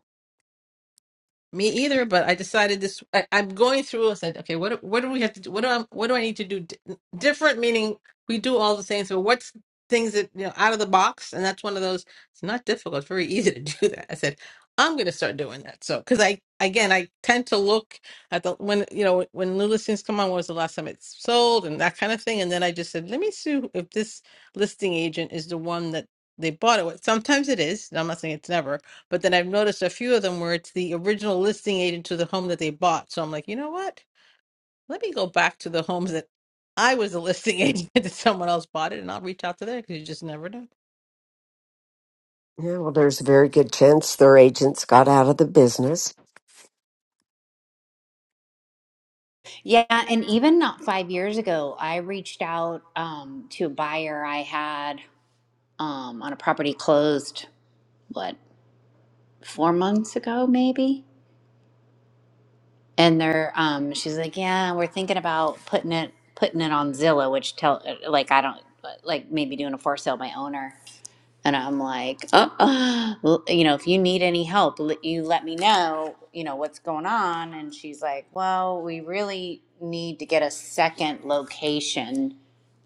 [SPEAKER 2] Me either, but I decided this. I, I'm going through. I said, okay, what do- what do we have to do? What do I what do I need to do di- different? Meaning we do all the same. So what's things that you know out of the box? And that's one of those. It's not difficult. It's very easy to do that. I said, I'm going to start doing that. So because I again I tend to look at the when you know when new listings come on. What was the last time it's sold and that kind of thing. And then I just said, let me see if this listing agent is the one that they bought it with. Sometimes it is. and I'm not saying it's never but then I've noticed a few of them where it's the original listing agent to the home that they bought. So I'm like, you know what? Let me go back to the homes that I was the listing agent that someone else bought it, and I'll reach out to them because you just never know.
[SPEAKER 1] Yeah, well, there's a very good chance their agents got out of the business.
[SPEAKER 8] Yeah, and even not five years ago, I reached out um, to a buyer I had um, on a property closed, what, four months ago, maybe? And they're, um, she's like, yeah, we're thinking about putting it, putting it on Zillow, which tell, like, I don't, like maybe doing a for sale by owner. And I'm like, oh, uh, l- you know, if you need any help, l- you let me know, you know, what's going on. And she's like, well, we really need to get a second location.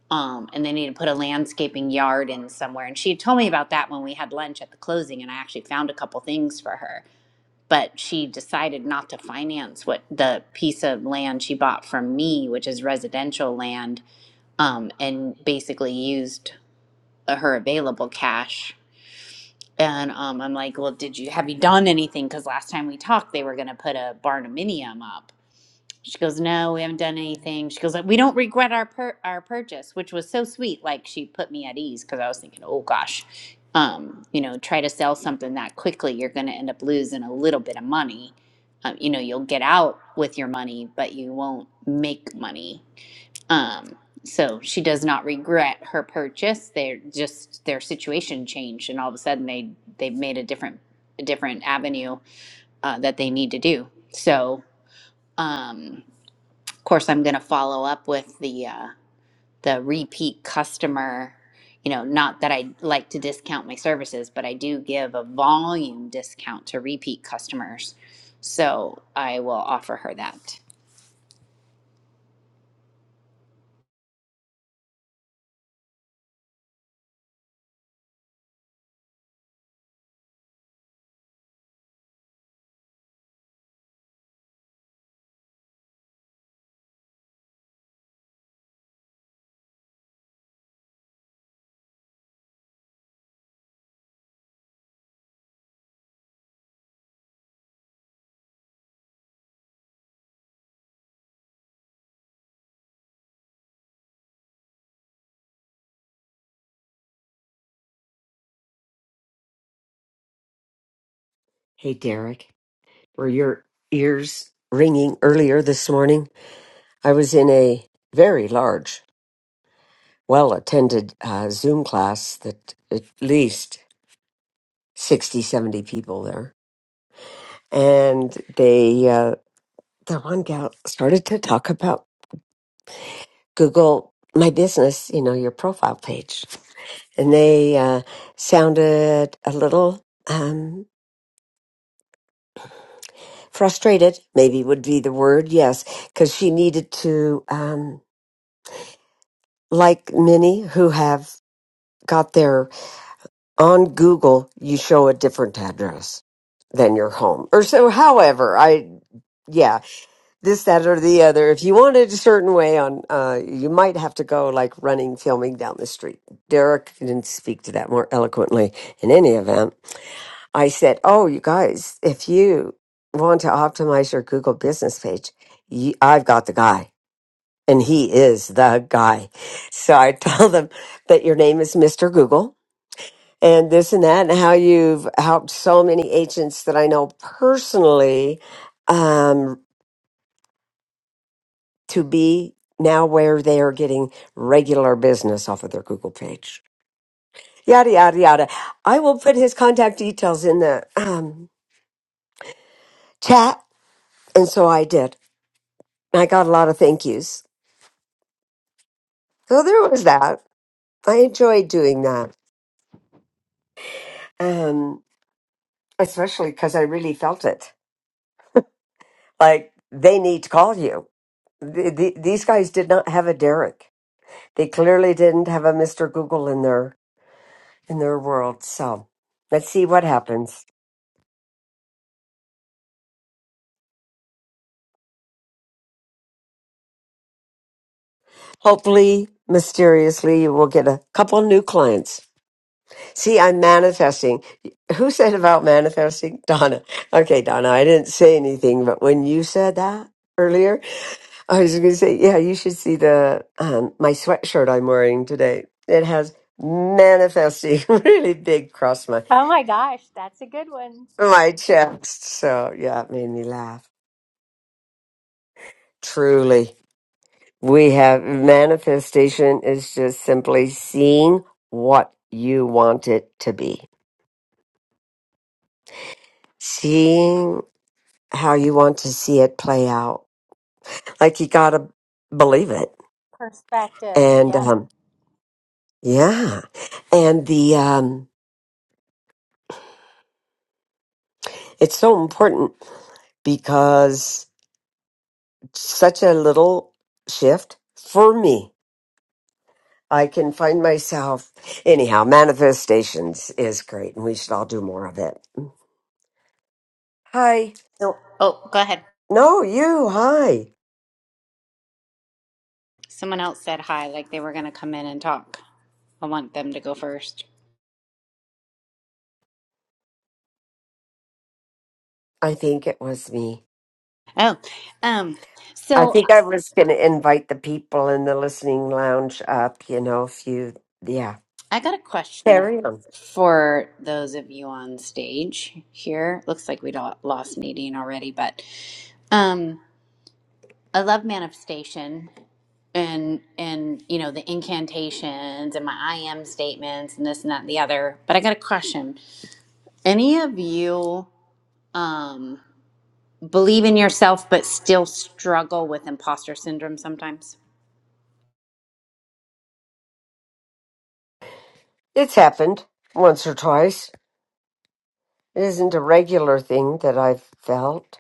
[SPEAKER 8] Um, and they need to put a landscaping yard in somewhere. And she had told me about that when we had lunch at the closing. And I actually found a couple things for her. But she decided not to finance what the piece of land she bought from me, which is residential land, um, and basically used her available cash and um, I'm like, well, did you have you done anything? Because last time we talked, they were going to put a barnuminium up. She goes, no, we haven't done anything. She goes, we don't regret our pur- our purchase, which was so sweet. Like she put me at ease because I was thinking, oh gosh, um, you know, try to sell something that quickly, you're going to end up losing a little bit of money. Um, you know, you'll get out with your money, but you won't make money um, so she does not regret her purchase. They're just their situation changed, and all of a sudden they they made a different a different avenue uh, that they need to do. So, um, of course, I'm going to follow up with the uh, the repeat customer. You know, not that I like to discount my services, but I do give a volume discount to repeat customers. So I will offer her that.
[SPEAKER 1] Hey, Derek, were your ears ringing earlier this morning? I was in a very large, well attended uh, Zoom class that at least 60, 70 people there. And they, uh, the one gal started to talk about Google my business, you know, your profile page. And they uh, sounded a little um, frustrated, maybe would be the word, yes, because she needed to, um, like many who have got their on Google, you show a different address than your home or so, however. I, yeah. this, that, or the other. If you want it a certain way, on uh, you might have to go like running, filming down the street. Derek didn't speak to that more eloquently. In any event, I said, "Oh, you guys, if you want to optimize your Google business page, you, I've got the guy." And he is the guy. So I told them that your name is Mr. Google and this and that, and how you've helped so many agents that I know personally um, to be now where they are getting regular business off of their Google page. Yada, yada, yada. I will put his contact details in the um, chat. And so I did. I got a lot of thank yous. So there was that. I enjoyed doing that, um, especially because I really felt it. Like they need to call you. The, the, these guys did not have a Derek. They clearly didn't have a Mr. Google in their in their world. So let's see what happens. Hopefully, mysteriously, you will get a couple new clients. See, I'm manifesting. Who said about manifesting? Donna. Okay, Donna, I didn't say anything, but when you said that earlier, I was going to say, yeah, you should see the um, my sweatshirt I'm wearing today. It has manifesting really big across my
[SPEAKER 3] Oh my gosh, that's a good one.
[SPEAKER 1] my chest. So yeah, it made me laugh. Truly. We have manifestation is just simply seeing what you want it to be, seeing how you want to see it play out. Like you got to believe it.
[SPEAKER 3] Perspective.
[SPEAKER 1] And
[SPEAKER 3] Yep.
[SPEAKER 1] um, yeah. And the, um, it's so important because such a little shift for me. I can find myself. Anyhow, manifestations is great and we should all do more of it. Hi.
[SPEAKER 8] So, oh, go ahead.
[SPEAKER 1] No, you. Hi.
[SPEAKER 8] Someone else said hi, like they were going to come in and talk. I want them to go first.
[SPEAKER 1] I think it was me.
[SPEAKER 8] Oh, um,
[SPEAKER 1] I
[SPEAKER 8] so
[SPEAKER 1] think I was going to invite the people in the listening lounge up, you know, if you, yeah,
[SPEAKER 8] I got a question
[SPEAKER 1] carry on.
[SPEAKER 8] for those of you on stage here. Looks like we do lost Nadine already, but um, I love manifestation and and you know the incantations and my I am statements and this and that and the other. But I got a question. Any of you? Um, believe in yourself but still struggle with imposter syndrome sometimes.
[SPEAKER 1] It's happened once or twice. It isn't a regular thing that I've felt.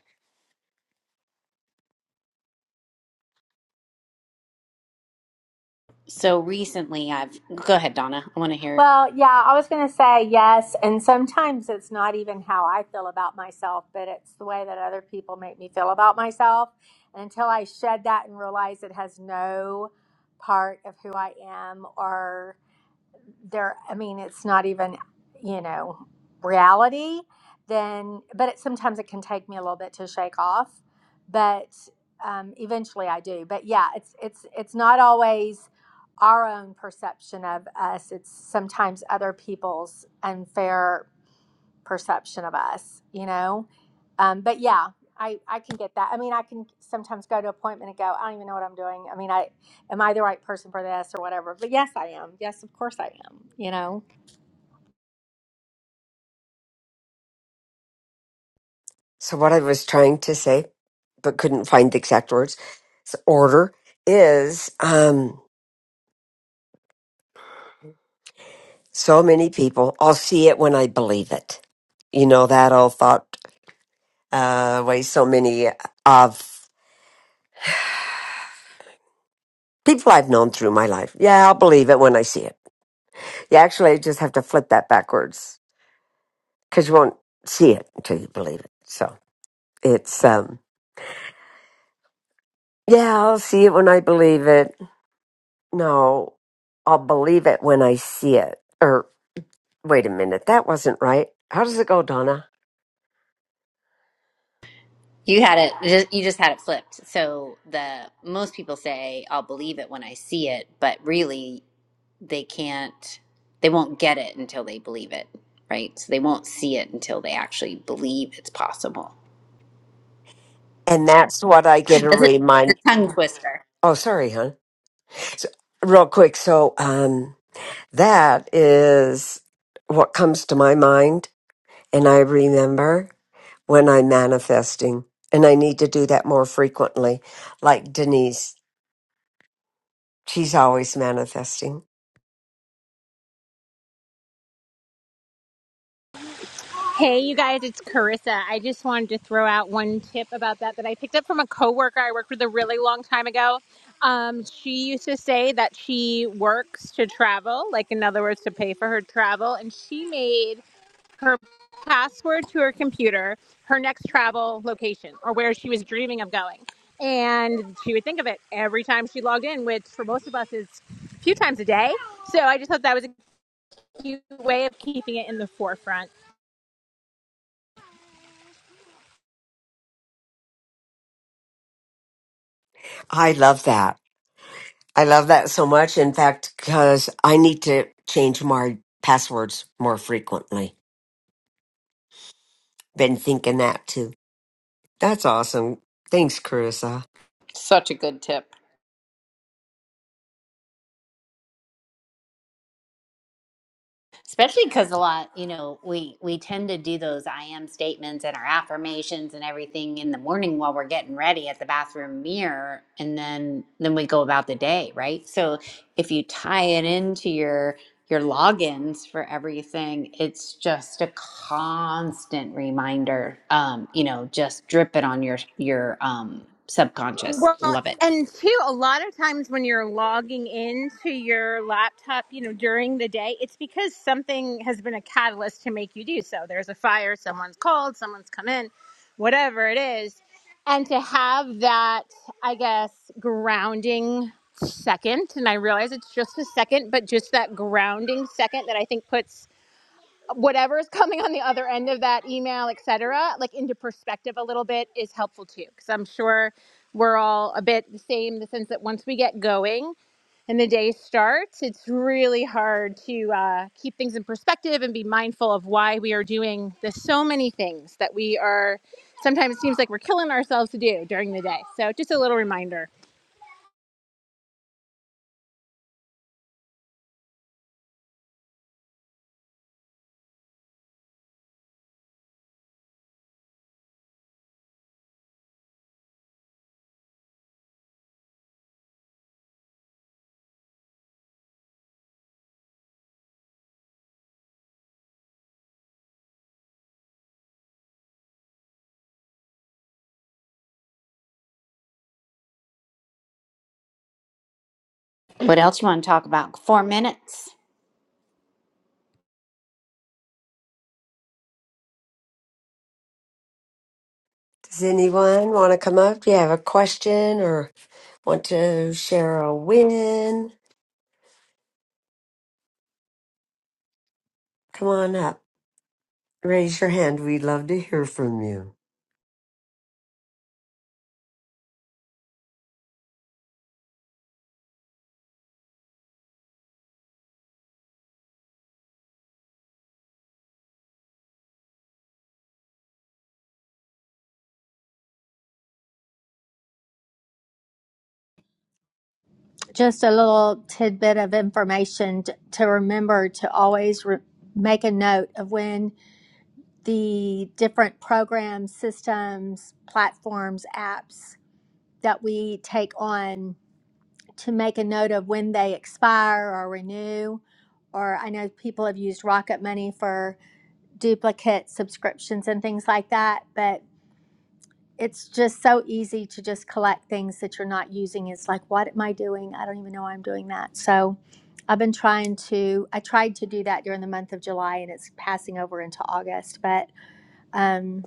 [SPEAKER 8] So recently I've go ahead Donna, I want to hear.
[SPEAKER 3] Well, yeah, I was going to say yes. And sometimes it's not even how I feel about myself, but it's the way that other people make me feel about myself. And until I shed that and realize it has no part of who I am or there i mean it's not even you know reality then but it, sometimes it can take me a little bit to shake off but um, eventually i do but yeah it's it's it's not always our own perception of us it's sometimes other people's unfair perception of us, you know? Um, but yeah, I, I can get that. I mean, I can sometimes go to an appointment and go, I don't even know what I'm doing. I mean, I am I the right person for this or whatever? But yes, I am. Yes, of course I am. You know,
[SPEAKER 1] So, what I was trying to say, but couldn't find the exact words, s- order is um, so many people, I'll see it when I believe it. You know, that old thought uh, way so many of people I've known through my life. Yeah, I'll believe it when I see it You actually just have to flip that backwards because you won't see it until you believe it. So it's, um, yeah, I'll see it when I believe it. No, I'll believe it when I see it. Or wait a minute, that wasn't right. How does it go, Donna?
[SPEAKER 8] You had it you just had it flipped. So the most people say I'll believe it when I see it, but really they can't they won't get it until they believe it, right? So they won't see it until they actually believe it's possible.
[SPEAKER 1] And that's what I get to
[SPEAKER 8] That's a, it's
[SPEAKER 1] remind.
[SPEAKER 8] a tongue twister.
[SPEAKER 1] Oh, sorry, hon. So, real quick. So, um, that is what comes to my mind. And I remember. when I'm manifesting. And I need to do that more frequently. Like Denise, she's always manifesting.
[SPEAKER 9] Hey, you guys, it's Carissa. I just wanted to throw out one tip about that that I picked up from a coworker I worked with a really long time ago. Um, she used to say that she works to travel, like in other words, to pay for her travel, and she made her password to her computer her next travel location or where she was dreaming of going. And she would think of it every time she logged in, which for most of us is a few times a day. So I just thought that was a cute way of keeping it in the forefront.
[SPEAKER 1] I love that. I love that so much. In fact, because I need to change my passwords more frequently. Been thinking that too. That's awesome. Thanks, Carissa.
[SPEAKER 8] Such a good tip. especially because a lot you know we we tend to do those i am statements and our affirmations and everything in the morning while we're getting ready at the bathroom mirror and then then we go about the day right so if you tie it into your your logins for everything it's just a constant reminder um you know just drip it on your your um subconscious
[SPEAKER 9] Well,
[SPEAKER 8] love it
[SPEAKER 9] and two, a lot of times when you're logging into your laptop, you know, during the day, it's because something has been a catalyst to make you do so. There's a fire, someone's called, someone's come in, whatever it is. And to have that, I guess, grounding second, and I realize it's just a second, but just that grounding second that I think puts whatever is coming on the other end of that email, et cetera, like into perspective a little bit is helpful too. Cause I'm sure we're all a bit the same in the sense that once we get going and the day starts, it's really hard to uh, keep things in perspective and be mindful of why we are doing the so many things that we are sometimes it seems like we're killing ourselves to do during the day. So just a little reminder.
[SPEAKER 8] what else you want to talk about four minutes
[SPEAKER 1] Does anyone want to come up? Do you have a question or want to share a win? Come on up. Raise your hand. We'd love to hear from you.
[SPEAKER 3] Just a little tidbit of information t- to remember to always re- make a note of when the different programs, systems, platforms, apps that we take on. to make a note of when they expire or renew. Or I know people have used Rocket Money for duplicate subscriptions and things like that, but it's just so easy to just collect things that you're not using. It's like, what am I doing? I don't even know I'm doing that. So I've been trying to, I tried to do that during the month of July and it's passing over into August, but um,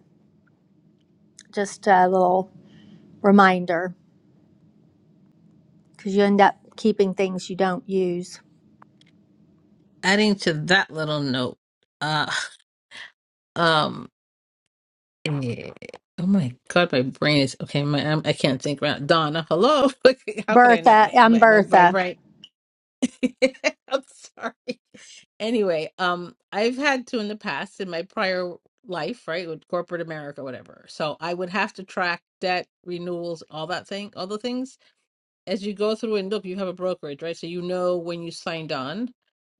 [SPEAKER 3] just a little reminder because you end up keeping things you don't use.
[SPEAKER 2] Adding to that little note, uh, um, eh, oh my god, my brain is okay. My I'm, I can't think right. Donna, hello. How could I not
[SPEAKER 3] Bertha,
[SPEAKER 2] know?
[SPEAKER 3] I'm
[SPEAKER 2] My my my
[SPEAKER 3] Bertha.
[SPEAKER 2] brain. I'm sorry. anyway, um, I've had to in the past in my prior life, right, with corporate America, whatever. So I would have to track debt renewals, all that thing, all the things as you go through and look. You have a brokerage, right? So you know when you signed on.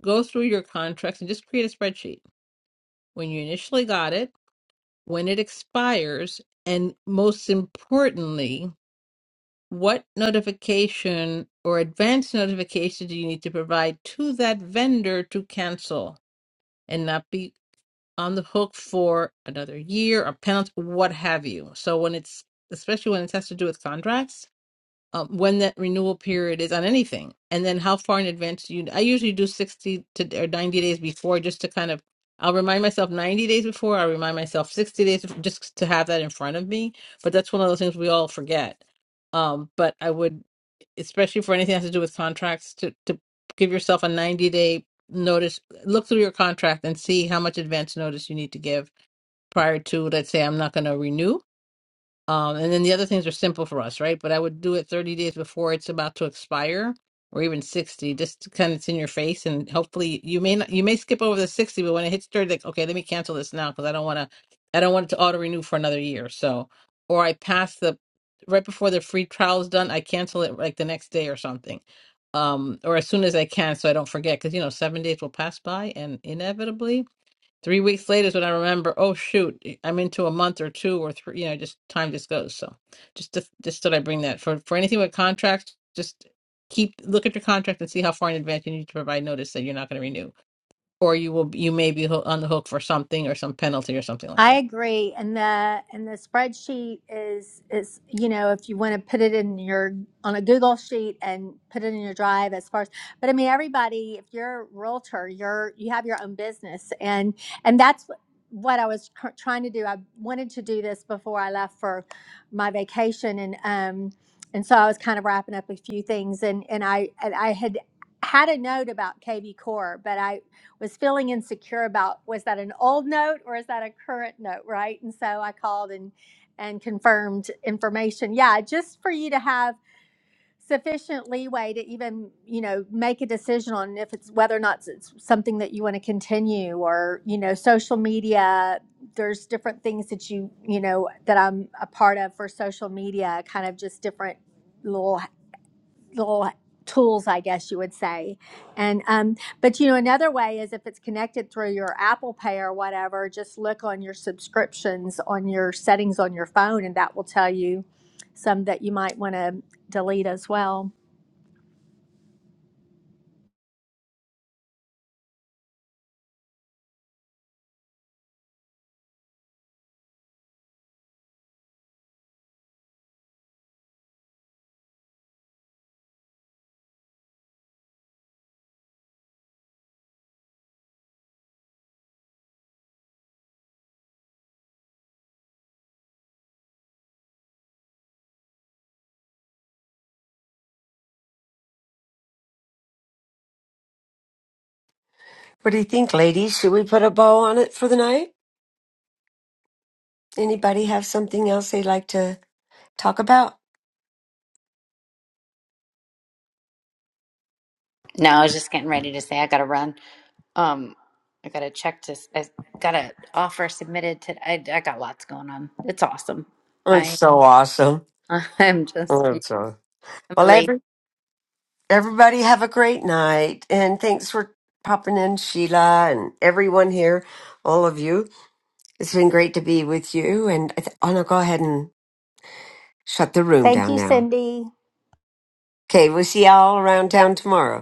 [SPEAKER 2] Go through your contracts and just create a spreadsheet when you initially got it, when it expires, and most importantly, what notification or advance notification do you need to provide to that vendor to cancel? and not be on the hook for another year or penalty, what have you. So when it's especially when it has to do with contracts, um, when that renewal period is on anything, and then how far in advance do you. I usually do sixty to or ninety days before, just to kind of. I'll remind myself ninety days before. I'll remind myself sixty days bef- just to have that in front of me. But that's one of those things we all forget. Um, but I would, especially for anything that has to do with contracts, to to give yourself a ninety day notice. Look through your contract and see how much advance notice you need to give prior to. Let's say I'm not going to renew um, and then the other things are simple for us, right? But I would do it 30 days before it's about to expire or even 60, just to kind of it's in your face. And hopefully you may not, you may skip over the 60, but when it hits 30, like, okay, let me cancel this now because I don't want to, I don't want it to auto renew for another year. So, or I pass the, right before the free trial is done, I cancel it like the next day or something. Um, or as soon as I can, so I don't forget, because you know, seven days will pass by and inevitably Three weeks later is when I remember, oh shoot, I'm into a month or two or three, you know, just time just goes. So just to, just thought I bring that for for anything with contracts, just keep look at your contract and see how far in advance you need to provide notice that you're not going to renew or you will you may be ho- on the hook for something or some penalty or something like
[SPEAKER 3] I
[SPEAKER 2] that.
[SPEAKER 3] agree, and the and the spreadsheet is is you know if you want to put it in your on a Google sheet and put it in your drive as far as but I mean everybody if you're a realtor you're you have your own business and and that's what what I was cr- trying to do I wanted to do this before I left for my vacation and um and so I was kind of wrapping up a few things and and I and I had had a note about KB Core but I was feeling insecure about was that an old note or is that a current note right and so i called and and confirmed information yeah just for you to have sufficient leeway to even you know make a decision on if it's whether or not it's something that you want to continue or you know social media there's different things that you you know that i'm a part of for social media kind of just different little little tools i guess you would say and um, but you know another way is if it's connected through your apple pay or whatever just look on your subscriptions on your settings on your phone and that will tell you some that you might want to delete as well
[SPEAKER 1] What do you think, ladies? Should we put a bow on it for the night? Anybody have something else they'd like to talk about?
[SPEAKER 8] no i was just getting ready to say i gotta run Um, I got to check to, s- I got an offer submitted today. I, I got lots going on. It's awesome.
[SPEAKER 1] Oh, It's
[SPEAKER 8] I,
[SPEAKER 1] so awesome.
[SPEAKER 8] I'm just,
[SPEAKER 1] Oh, it's
[SPEAKER 8] I'm
[SPEAKER 1] so- Well,
[SPEAKER 8] elated.
[SPEAKER 1] every, everybody have a great night. And thanks for popping in, Sheila, and everyone here, all of you. It's been great to be with you. And I th- I'm going to go ahead and shut the room
[SPEAKER 3] thank
[SPEAKER 1] down
[SPEAKER 3] you
[SPEAKER 1] now.
[SPEAKER 3] cindy
[SPEAKER 1] Okay, we'll see y'all around town tomorrow.